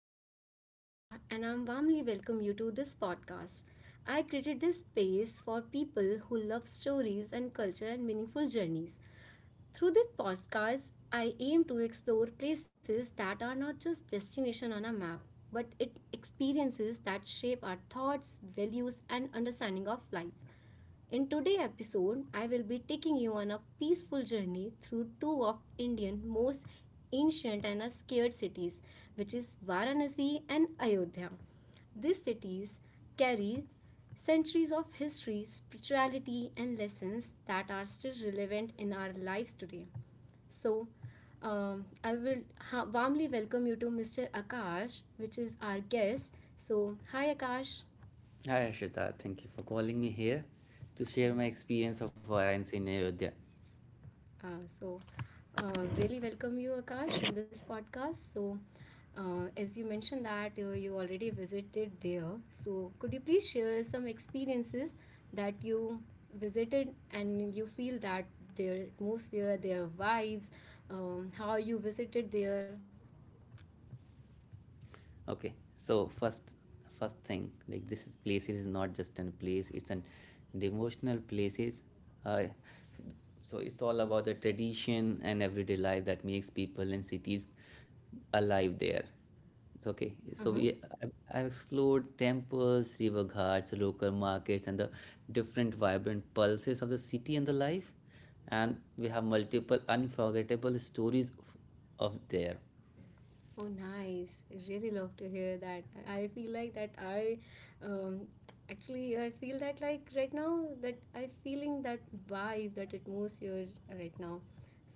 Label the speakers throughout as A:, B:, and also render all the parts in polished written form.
A: My name is Harshita and I'm warmly welcome you to this podcast. I created this space for people who love stories and culture and meaningful journeys. Through this podcast, I aim to explore places that are not just destination on a map, but it experiences that shape our thoughts, values and understanding of life. In today's episode, I will be taking you on a peaceful journey through two of India's most ancient and scared cities, which is Varanasi and Ayodhya. These cities carry centuries of history, spirituality, and lessons that are still relevant in our lives today. So, um, I will warmly welcome you to Mr. Akash, which is our guest. So, hi Akash.
B: Hi Arshita, thank you for calling me here to share my experience of Varanasi in Ayodhya.
A: Uh, so, Really welcome you, Akash, in this podcast. So, as you mentioned that you already visited there, so could you please share some experiences that you visited and you feel that their atmosphere, their vibes, how you visited there?
B: Okay, so first thing, like this is place is not just a place, it's an devotional places. Uh, so it's all about the tradition and everyday life that makes people and cities alive there. It's okay. So
A: Mm-hmm.
B: I- I've explored temples, river ghats, local markets, and the different vibrant pulses of the city and the life. And we have multiple unforgettable stories of there.
A: Oh, nice. I really love to hear that. I feel like that I um, actually I feel that like right now that I'm feeling that vibe, that atmosphere right now.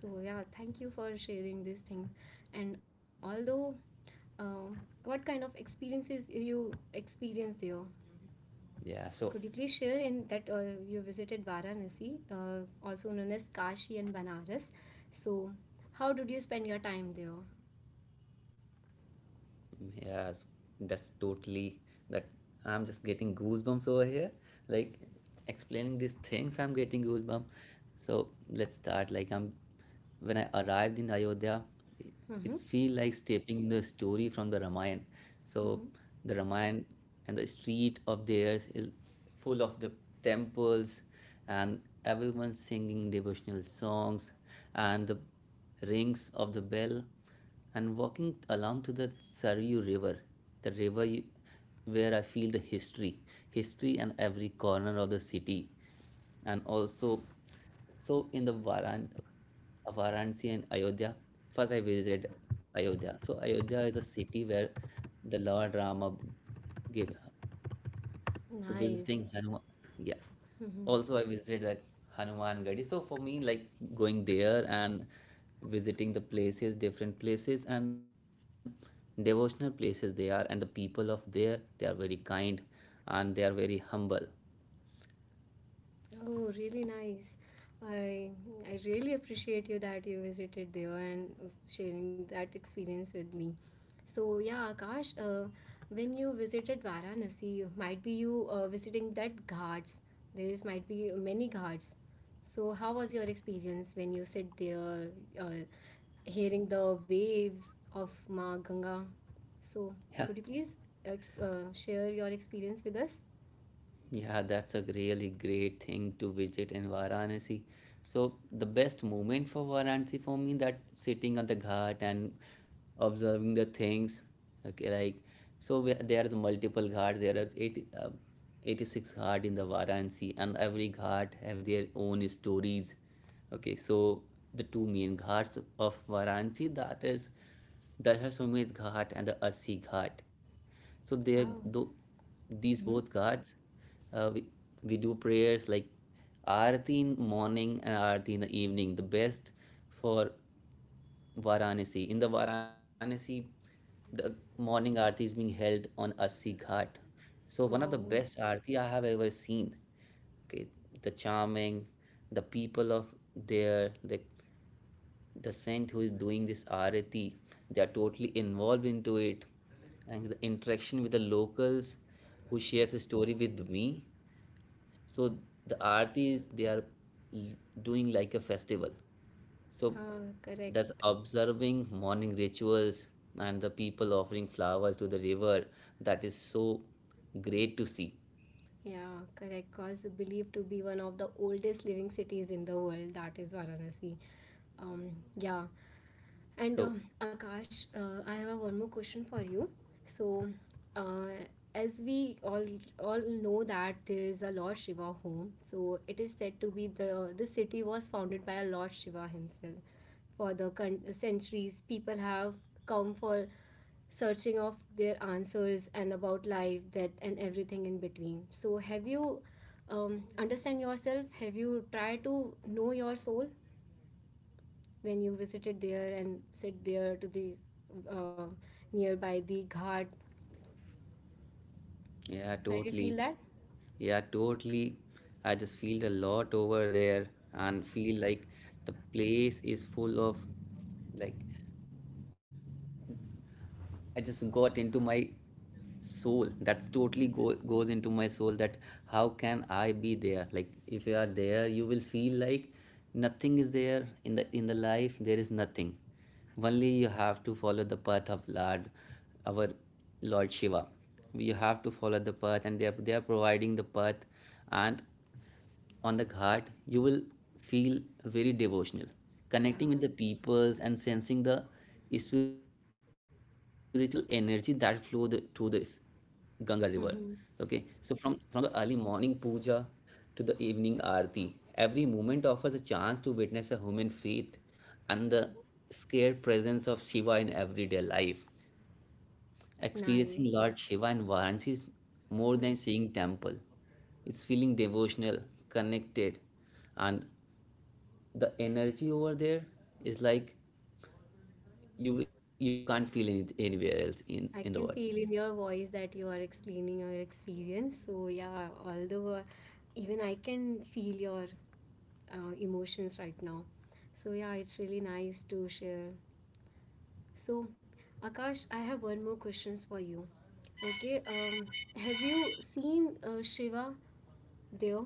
A: So yeah, thank you for sharing these things. And although, um, what kind of experiences you experienced there?
B: Yeah.
A: Could you
B: So,
A: please share in that you visited Varanasi, also known as Kashi and Banaras. So how did you spend your time there?
B: yes, that's totally that. I'm just getting goosebumps over here. Like explaining these things, I'm getting goosebumps. So let's start. Like, I'm when I arrived in Ayodhya, it
A: Mm-hmm.
B: it feel like stepping into a story from the Ramayana. So
A: Mm-hmm.
B: the Ramayana, and the street of theirs is full of the temples and everyone singing devotional songs and the rings of the bell and walking along to the Saryu River, the river you, where I feel the history and every corner of the city, and also so in the Varanasi and Ayodhya. First, I visited Ayodhya. So Ayodhya is a city where the Lord Rama gave, so
A: Nice.
B: visiting Hanuman, yeah.
A: Mhm.
B: Also, I visited that Hanuman Gadi. So for me, like going there and visiting the places, different places and devotional places they are, and the people of there, they are very kind and they are very humble.
A: Oh, really nice. I I really appreciate you that you visited there and sharing that experience with me. So yeah, Akash, when you visited Varanasi, might be you visiting that ghats. There is might be many ghats. So how was your experience when you sit there, uh, hearing the waves of Ma Ganga? So
B: Yeah,
A: could you please ex share your experience with
B: yeah, that's a really great thing to visit in Varanasi. So the best moment for Varanasi for me that sitting on the ghat and observing the things, okay, like. There are multiple ghats. There are 86 ghats in the Varanasi, and every ghat have their own stories. Okay, so the two main ghats of Varanasi that is Dashashwamedh Ghat and the Assi Ghat. So there,
A: us?
B: though, these both
A: Hmm.
B: ghats, uh, we, we do prayers like Aarti in morning and Aarti in the evening. The best for Varanasi. In the Varanasi, the morning aarti is being held on Assi Ghat. So one of the
A: Wow.
B: best aarti I have ever seen. Okay, the charming, the people of there, like the saint who is doing this aarti, they are totally involved into it, and the interaction with the locals, who shares a story with me. So the aarti is they are l- doing like a festival. So
A: Uh,
B: that's
A: correct.
B: observing morning rituals and the people offering flowers to the river. That is so great to see.
A: Yeah, correct. Cause believed to be one of the oldest living cities in the world, that is Varanasi. Um, yeah. And
B: So
A: Akash, I have a one more question for you. So, uh, as we all know that there is a Lord Shiva home, so it is said to be the city was founded by a Lord Shiva himself. For the centuries, people have come for searching of their answers and about life, death, and everything in between. So, have you understand yourself? Have you tried to know your soul when you visited there and sit there to the uh, nearby the ghat?
B: yeah,
A: So you feel
B: totally.
A: that?
B: Yeah, totally. I just feel a lot over there and feel like the place is full of, like, I just got into my soul. That's totally goes into my soul. That how can I be there, like, if you are there you will feel like nothing is there in the life, there is nothing. Only you have to follow the path of lord, our Lord Shiva. You have to follow the path, and they are providing the path, and on the ghat, you will feel very devotional,
A: Uh,
B: connecting with the peoples and sensing the spiritual energy that flow through this Ganga river. Okay,
A: mhm.
B: so from the early morning puja to the evening aarti, every moment offers a chance to witness a human faith and the scare presence of Shiva in everyday life. Experiencing
A: Nice.
B: Lord Shiva in Varanasi is more
A: Mm.
B: than seeing temple. It's feeling devotional, connected, and the energy over there is like you can't feel anywhere else in
A: I
B: in the
A: can
B: world.
A: feel in your voice that you are explaining your experience. So yeah, although even I can feel your emotions right now. So yeah, it's really nice to share. So Akash, I have one more questions for you. Okay, have you seen Shiva there?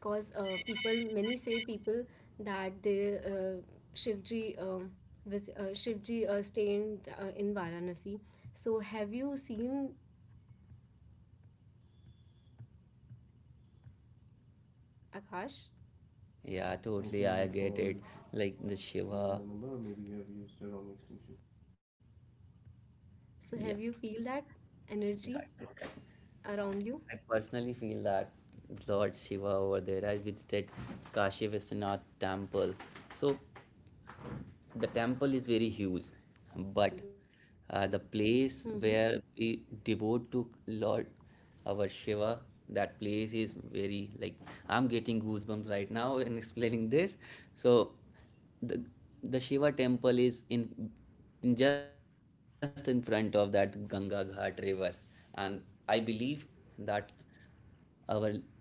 A: Cause people, many say people that they Shivji Shivji stay in Varanasi. So have you seen Akash?
B: Yeah, totally, I get it, like the Shiva,
A: So have you
B: yeah.
A: feel that energy around you?
B: I personally feel that Lord Shiva over there. I visited Kashi Vishwanath Temple. So the temple is very huge, but the
A: Mm-hmm.
B: place where we devote to lord, our Shiva, that place is very, like, I'm getting goosebumps right now in explaining this. So the Shiva temple is in just in front of that Ganga Ghat river, and I believe that our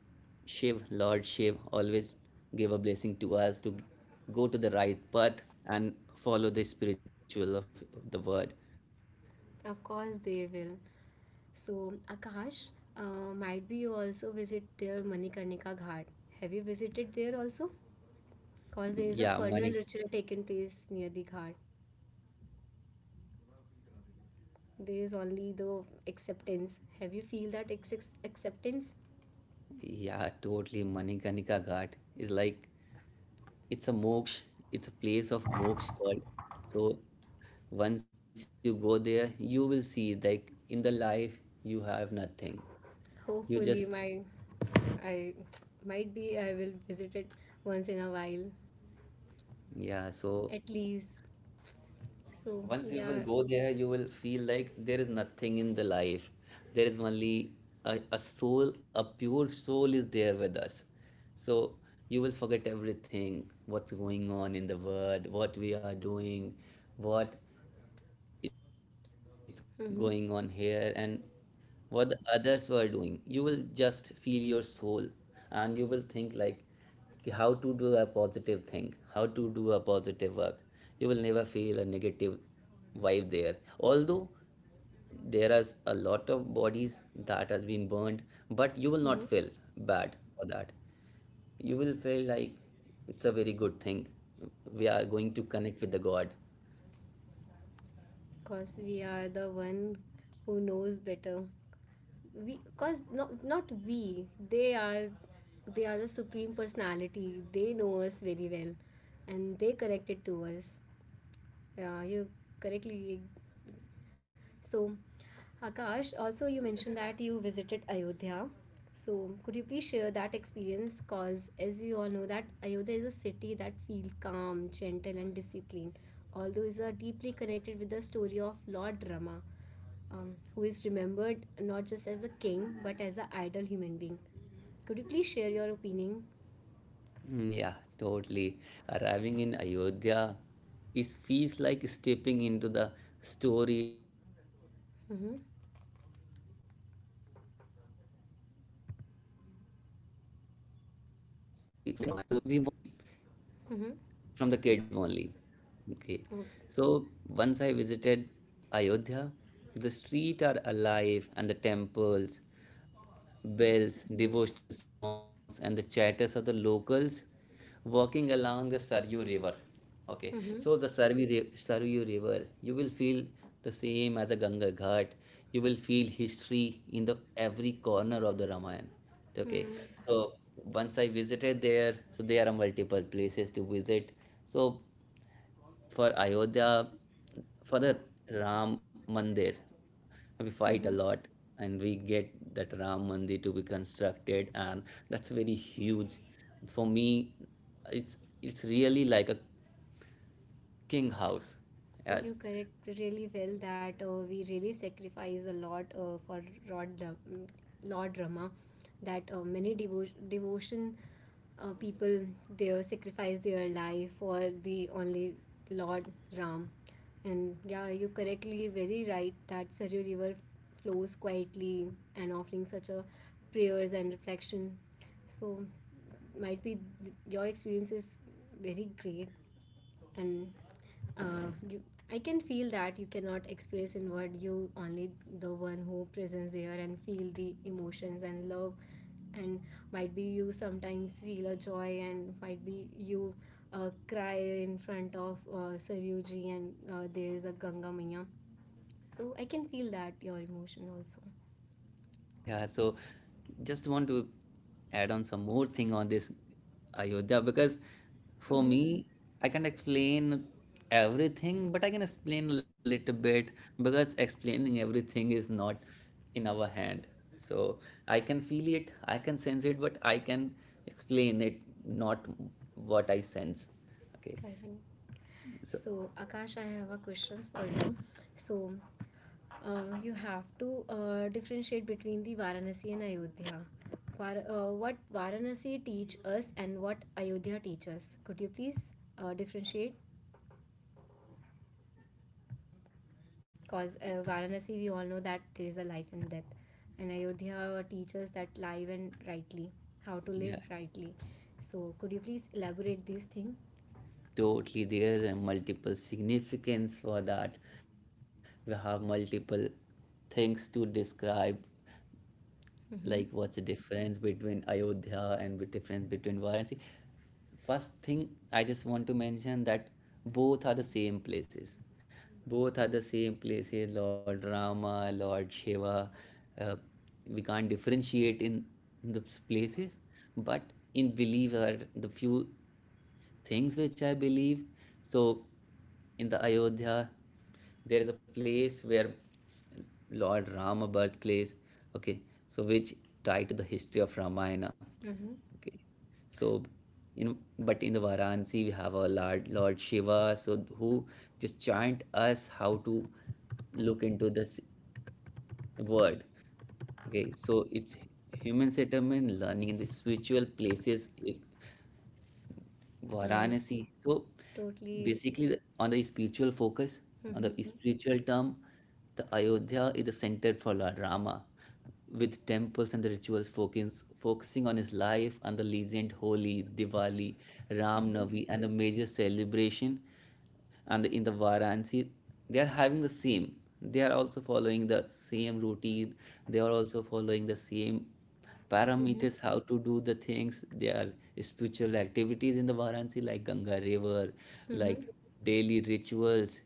B: Shiv Lord Shiv always gave a blessing to us to go to the right path and follow the spiritual of the word.
A: Of course they will. So Akash, might be you also visit their Manikarnika Ghat. Have you visited there also? Cause there is a
B: Yeah, Mani.
A: funeral ritual taken place near the ghat. There is only the acceptance, have you feel that acceptance?
B: Yeah, totally. Manikanika Ghat is, like, it's a moksh, it's a place of moksh, called. So once you go there, you will see, like, in the life you have nothing. You
A: Hopefully
B: just.
A: my, I might be I will visit it once in a while,
B: Yeah, so
A: at least. So
B: once you will
A: yeah.
B: go there, you will feel like there is nothing in the life. There is only a soul, a pure soul is there with us. So you will forget everything, what's going on in the world, what we are doing, what it's going on
A: Mm-hmm.
B: here, and what the others were doing. You will just feel your soul, and you will think like, "Ki, how to do a positive thing, how to do a positive work. You will never feel a negative vibe there. Although there is a lot of bodies that has been burned, but you
A: Mm-hmm.
B: will not feel bad for that. You will feel like it's a very good thing. We are going to connect with the god."
A: Cause we are the one who knows better, we cause not we, they are, they are the supreme personality, they know us very well and they connected to us. Yeah, you correctly. So, Akash, also you mentioned that you visited Ayodhya. So, could you please share that experience? Cause as you all know that Ayodhya is a city that feels calm, gentle, and disciplined. Although is a deeply connected with the story of Lord Rama, who is remembered not just as a king but as an ideal human being. Could you please share your opinion?
B: Mm. Yeah, totally. Arriving in Ayodhya is feels like stepping into the story from the any Ramayana.
A: Mm-hmm.
B: So we watched Ramayana in a very young age, and uh, personally, I follow the Ramayana from very
A: Mm-hmm.
B: from the kid only. Okay,
A: Okay.
B: so once I visited Ayodhya, the streets are alive, and the temples, bells,
A: Mm-hmm.
B: devotional songs, and the chatters of the locals walking along the Saryu River. Okay, so
A: Mm-hmm.
B: the Saryu River, you will feel the same as the Ganga Ghat. You will feel history in the every corner of the Ramayana. Okay,
A: Mm-hmm.
B: so once I visited there, so there are multiple places to visit. So for Ayodhya, for the Ram Mandir, we fight a
A: Mm-hmm.
B: lot and we get that Ram Mandir to be constructed, and that's very huge. For me, it's it's really like a king house.
A: You
B: Yes.
A: correct really well that we really sacrifice a lot for Lord, Ra- mm, Lord Rama. That many devotion people there sacrifice their life for the only Lord Ram. And yeah, you correctly very right that Saryu River flows quietly and offering such a prayers and reflection. So might be your experience is very great and you, I can feel that you cannot express in word, you only the one who presents there and feel the emotions and love, and might be you sometimes feel a joy and might be you cry in front of Saryuji and there is a Ganga Maya. So I can feel that your emotion also.
B: Yeah, so just want to add on some more thing on this Ayodhya, because for
A: Hmm.
B: me, I can't explain everything, but I can explain a little bit, because explaining everything is not in our hand. So I can feel it, I can sense it, but I can explain it, not what I sense. Okay,
A: Correct.
B: so
A: So, Akash, I have a questions for you. So, you have to differentiate between the Varanasi and Ayodhya. What Varanasi teach us and what Ayodhya teaches. Could you please differentiate? Cause Varanasi, we all know that there is a life and death, and Ayodhya teaches that life and rightly, how to live
B: yeah.
A: rightly. So, could you please elaborate this thing?
B: Totally, there is a multiple significance for that. We have multiple things to describe, like what's the
A: Mm-hmm.
B: difference between Ayodhya and the difference between Varanasi. First thing, I just want to mention that both are the same places. Both are the same places, Lord Rama, Lord Shiva. Uh, we can't differentiate in the places, but in belief are the few things which I believe. So, in the Ayodhya, there is a place where Lord Rama birthplace. Okay, so which tie to the history of Ramayana.
A: Mm-hmm.
B: Okay, so in but in the Varanasi we have a Lord Shiva, so who just chant us how to look into this word. Okay, so it's human settlement learning in the spiritual places is
A: I
B: Varanasi. So
A: totally.
B: basically, on the spiritual focus, on
A: Mm-hmm.
B: the spiritual term, the Ayodhya is the center for Lord Rama, with temples and the rituals focusing on his life and the legend, Holi, Diwali, Ram Navi, and the major celebration. And in the Varanasi, they are having the same. They are also following the same routine. They are also following the same
A: Mm-hmm.
B: parameters how to do the things. There are spiritual activities in the Varanasi like Ganga River,
A: Mm-hmm. Mm-hmm.
B: like daily rituals.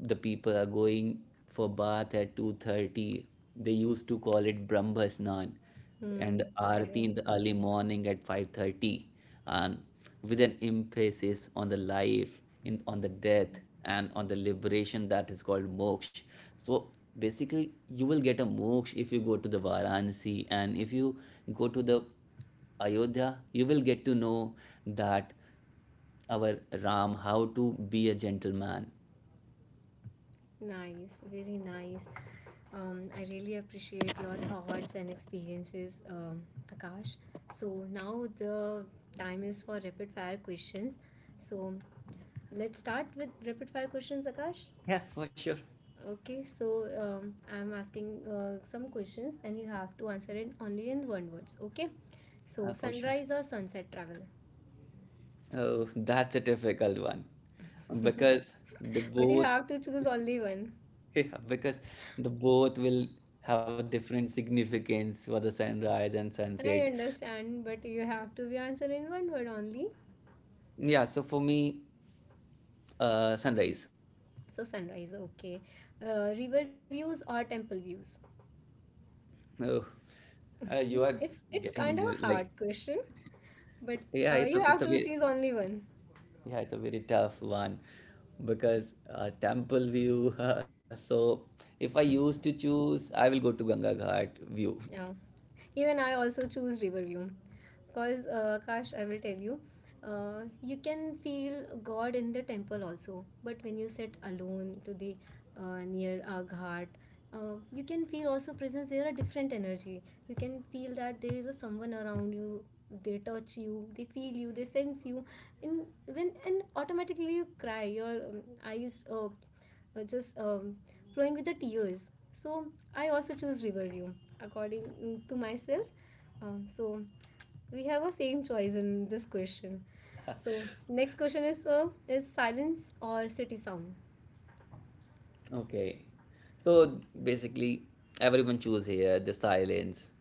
B: The people are going for bath at 2:30, they used to call it Brahmasnan,
A: Mm,
B: and aarti
A: correct.
B: in the early morning at 5:30, and with an emphasis on the life in, on the death and on the liberation that is called moksha. So basically, you will get a moksha if you go to the Varanasi, and if you go to the Ayodhya, you will get to know that our Ram how to be a gentleman.
A: Nice. Very nice. I really appreciate your thoughts and experiences, Akash. So now the time is for rapid fire questions. So let's start with rapid fire questions, Akash.
B: Yeah, for sure.
A: Okay, so I'm asking some questions and you have to answer it only in one words. Okay,
B: Yeah,
A: so
B: for sure.
A: sunrise or sunset travel?
B: Oh, that's a difficult one, because the
A: But you
B: both.
A: have to choose only one.
B: Yeah, because the both will have different significance for the sunrise and
A: I
B: sunset.
A: understand, but you have to be answered in one word only.
B: Yeah, so for me, sunrise.
A: So sunrise, okay. River views or temple views?
B: Oh, you are
A: It's
B: getting me
A: kind of
B: handled.
A: a
B: Like,
A: hard question, but
B: yeah,
A: you have
B: it's a
A: to
B: very,
A: choose only one.
B: yeah, it's a very tough one because Temple View. So if I used to choose, I will go to Ganga Ghat View.
A: Yeah. Even I also choose Riverview. Because, Kash, I will tell you, you can feel God in the temple also. But when you sit alone to the near our ghat, you can feel also presence. There are different energy. You can feel that there is a someone around you. They touch you. They feel you. They sense you. And when and automatically you cry. Your eyes. Just flowing with the tears. So I also choose Riverview according to myself. So we have a same choice in this question. So next question is silence or city sound?
B: Okay. So basically, everyone choose here the silence,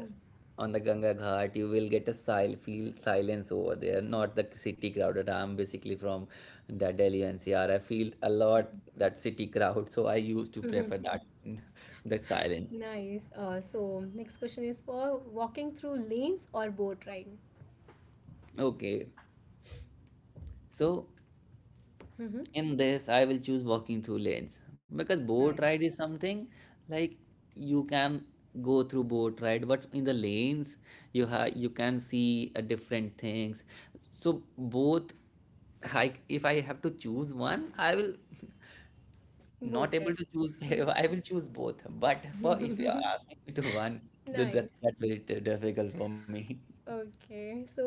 A: Oh.
B: on the Ganga Ghat you will get a sil feel silence over there, not the city crowded. I'm basically from the Delhi NCR. I feel a lot that city crowd, so I used to prefer that the silence.
A: Nice. So next question is for walking through lanes or boat ride.
B: Okay. So
A: Mm-hmm.
B: in this, I will choose walking through lanes, because boat ride
A: Nice.
B: is something like you can go through boat ride, but in the lanes you have, you can see different things. So both, like if I have to choose one, I will
A: Boat
B: not able
A: ride.
B: to choose. I will choose both. But for if you are asking me to one, th- that
A: Nice.
B: that's very difficult for me.
A: Okay, so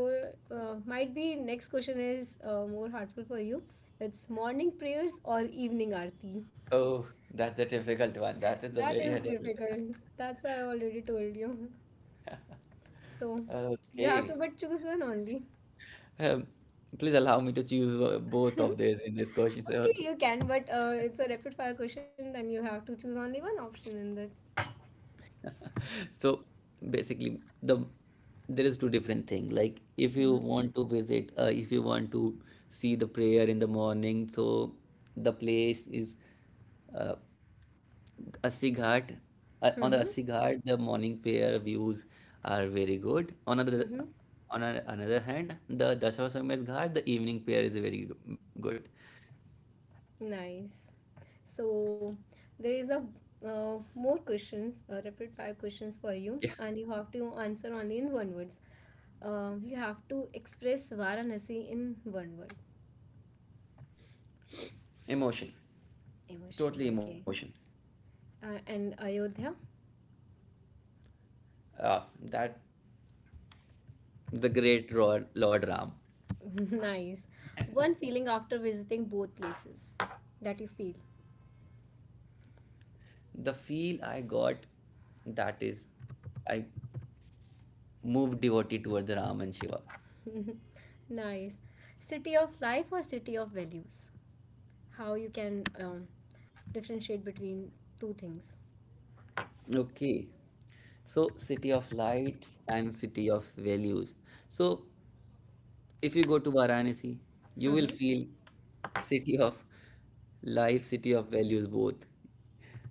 A: might be next question is more heartful for you. It's morning prayers or evening aarti.
B: Oh, that's a difficult one. That is a
A: That
B: very
A: is
B: difficult.
A: difficult. That's why I already told you. So you have
B: Okay.
A: to but choose one only.
B: Um, Please allow me to choose both of these in this question.
A: Okay,
B: So,
A: you can, but it's a rapid fire question, then you have to choose only one option in that.
B: so basically, the there is two different thing. Like if you
A: Mm-hmm.
B: want to visit, if you want to see the prayer in the morning, so the place is uh, Assi Ghat. On the
A: Mm-hmm.
B: Assi Ghat, the morning prayer views are very good. On another,
A: Mm-hmm.
B: on another hand, the Dashawashamedh Ghat, the evening prayer is very good.
A: Nice. So there is a more questions, rapid fire questions for you,
B: Yeah,
A: and you have to answer only in one word. You have to express Varanasi in one word.
B: emotion.
A: Emotion,
B: Totally
A: okay.
B: emotion.
A: And Ayodhya?
B: That the great Lord, Lord Ram.
A: Nice. One feeling after visiting both places that you feel.
B: The feel I got, that is, I moved devotee toward the Ram and Shiva.
A: Nice. City of life or city of values? How you can differentiate between two things.
B: Okay. So city of light and city of values. So if you go to Varanasi, you will feel city of life, city of values both.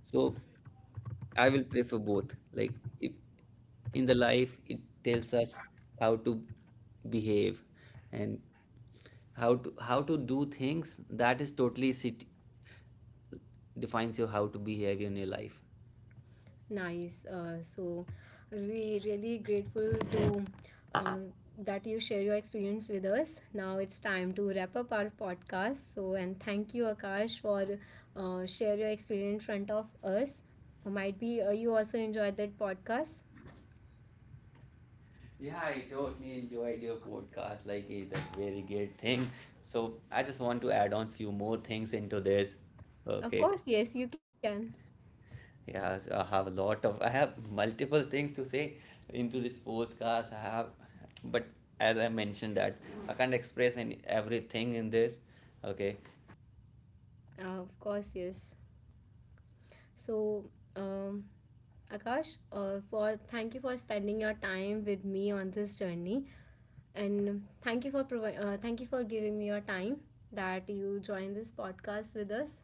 B: So I will prefer both. Like if in the life it tells us how to behave and how to do things, that is totally sit defines your how to behave in your life.
A: Nice. So we really grateful to um, that you share your experience with us. Now it's time to wrap up our podcast. So and thank you, Akash, for share your experience in front of us. Might be you also enjoyed that podcast.
B: Yeah, I totally enjoyed your podcast. Like it's a very great thing. So I just want to add on few more things into this.
A: Of
B: Okay.
A: course, yes, you can.
B: Yes, I have a lot of. I have multiple things to say into this podcast. I have, but as I mentioned that I can't express any everything in this. Okay.
A: Of course, yes. So. Um, Akash, for thank you for spending your time with me on this journey. And thank you for thank you for giving me your time that you joined this podcast with us.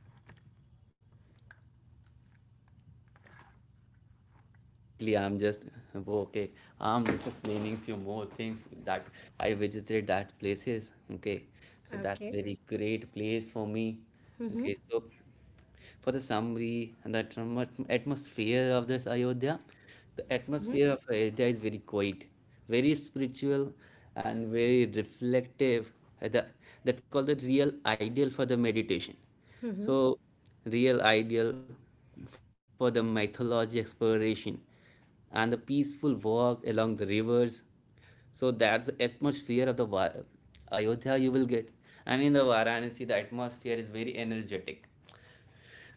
B: Totally. I'm just okay. I'm just explaining few more things that I visited that places. Okay, so that's
A: Okay.
B: very great place for me.
A: Mm-hmm.
B: Okay, so for the summary and the atmosphere of this Ayodhya, the
A: Mm-hmm.
B: atmosphere of Ayodhya is very quiet, very spiritual, and very reflective. Uh, The, that's called the real ideal for the meditation.
A: Mm-hmm.
B: So, real ideal for the mythology exploration and the peaceful walk along the rivers. So that's the atmosphere of the Ayodhya you will get. And in the Varanasi, the atmosphere is very energetic,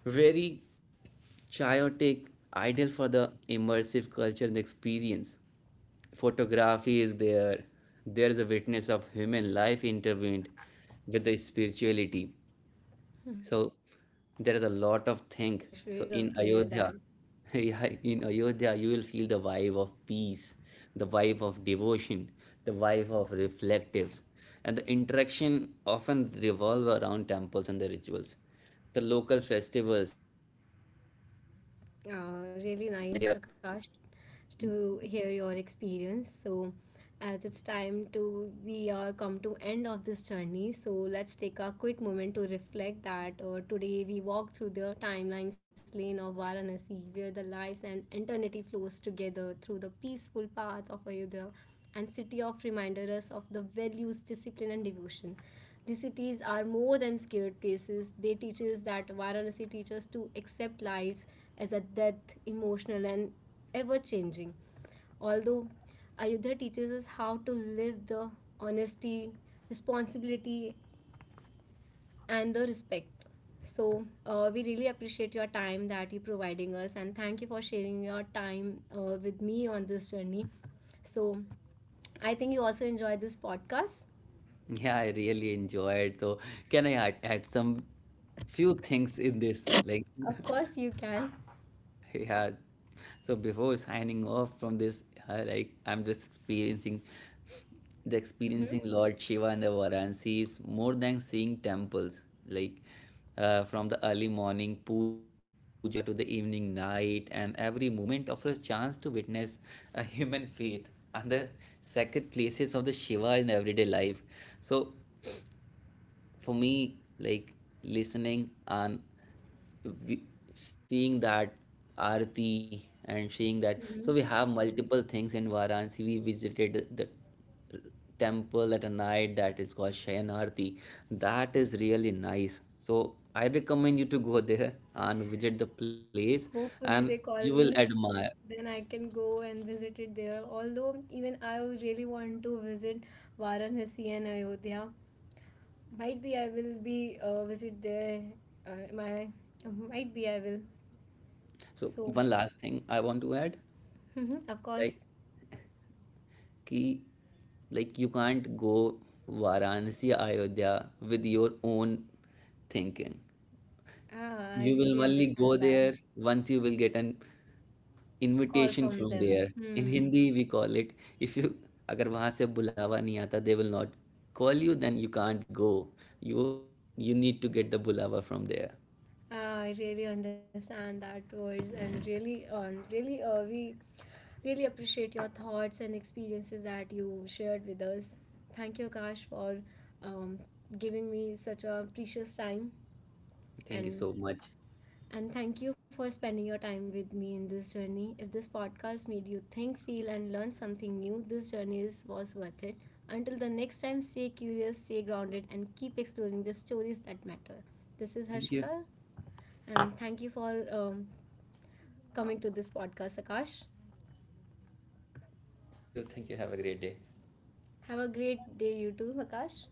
B: very chaotic, ideal for the immersive culture and experience. Photography is there. There is a witness of human life intervened with the spirituality.
A: Mm-hmm.
B: So there is a lot of
A: Nice,
B: thing.
A: Akash.
B: So
A: Really love
B: in
A: to hear
B: Ayodhya,
A: that.
B: yeah, in Ayodhya, you will feel the vibe of peace, the vibe of devotion, the vibe of reflectives, and the interaction often revolve around temples and the rituals. The local festivals, like they are,
A: Really nice, Akash, to hear your experience. So as it's time to we are come to end of this journey, so let's take a quick moment to reflect that today we walked through the timelines lane of Varanasi where the lives and eternity flows together through the peaceful path of Ayodhya and city of reminder us of the values, discipline and devotion. These cities are more than scared places. They teach us that Varanasi teaches to accept lives as a death, emotional and ever changing. Although Ayodhya teaches us how to live the honesty, responsibility, and the respect. So, we really appreciate your time that you're providing us, and thank you for sharing your time with me on this journey. So, I think you also enjoyed this podcast.
B: yeah, I really enjoyed. So can I add some few things in this? Like
A: Of course, you can.
B: yeah, so before signing off from this, like I'm just experiencing the
A: Hmm.
B: experiencing Lord Shiva, and the Varanasi is more than seeing temples. Like from the early morning puja to the evening night, and every moment offers chance to witness a human faith and the sacred places of the Shiva in everyday life. So for me, like listening and we, seeing that Aarti and seeing that. So we
A: Hmm.
B: have multiple things in Varanasi. We visited the temple at a night, that is called Shayan Aarti. That is really nice. So I recommend you to go there and visit the place,
A: Hopefully, they
B: and
A: call
B: you will
A: me.
B: admire.
A: Then I can go and visit it there. Although, even I really want to visit Varanasi and Ayodhya. Might be I will be visit there. My might be I will.
B: So
A: So,
B: one last thing I want to add,
A: of
B: like
A: course.
B: ki, like you can't go Varanasi Ayodhya with your own thinking.
A: Ah, I
B: You will
A: really
B: only go
A: understand that
B: there once you will get an
A: call
B: invitation
A: from
B: from
A: them.
B: there. In
A: Hmm.
B: Hindi, we call it, if you अगर वहाँ से बुलावा नहीं आता they will not call you, then you can't go. You need to get the bulava from there.
A: I really understand that words and really we really appreciate your thoughts and experiences that you shared with us. Thank you, Akash, for um, giving me such a precious time
B: Thank you so
A: and
B: much.
A: and thank you for spending your time with me in this journey. If this podcast made you think, feel, and learn something new, this journey is, was worth it. Until the next time, stay curious, stay grounded, and keep exploring the stories that matter. This is
B: Thank you.
A: Harshita and thank you for coming to this podcast, Akash.
B: Thank you. Thank you. Have a great day.
A: Have a great day, you too, Akash.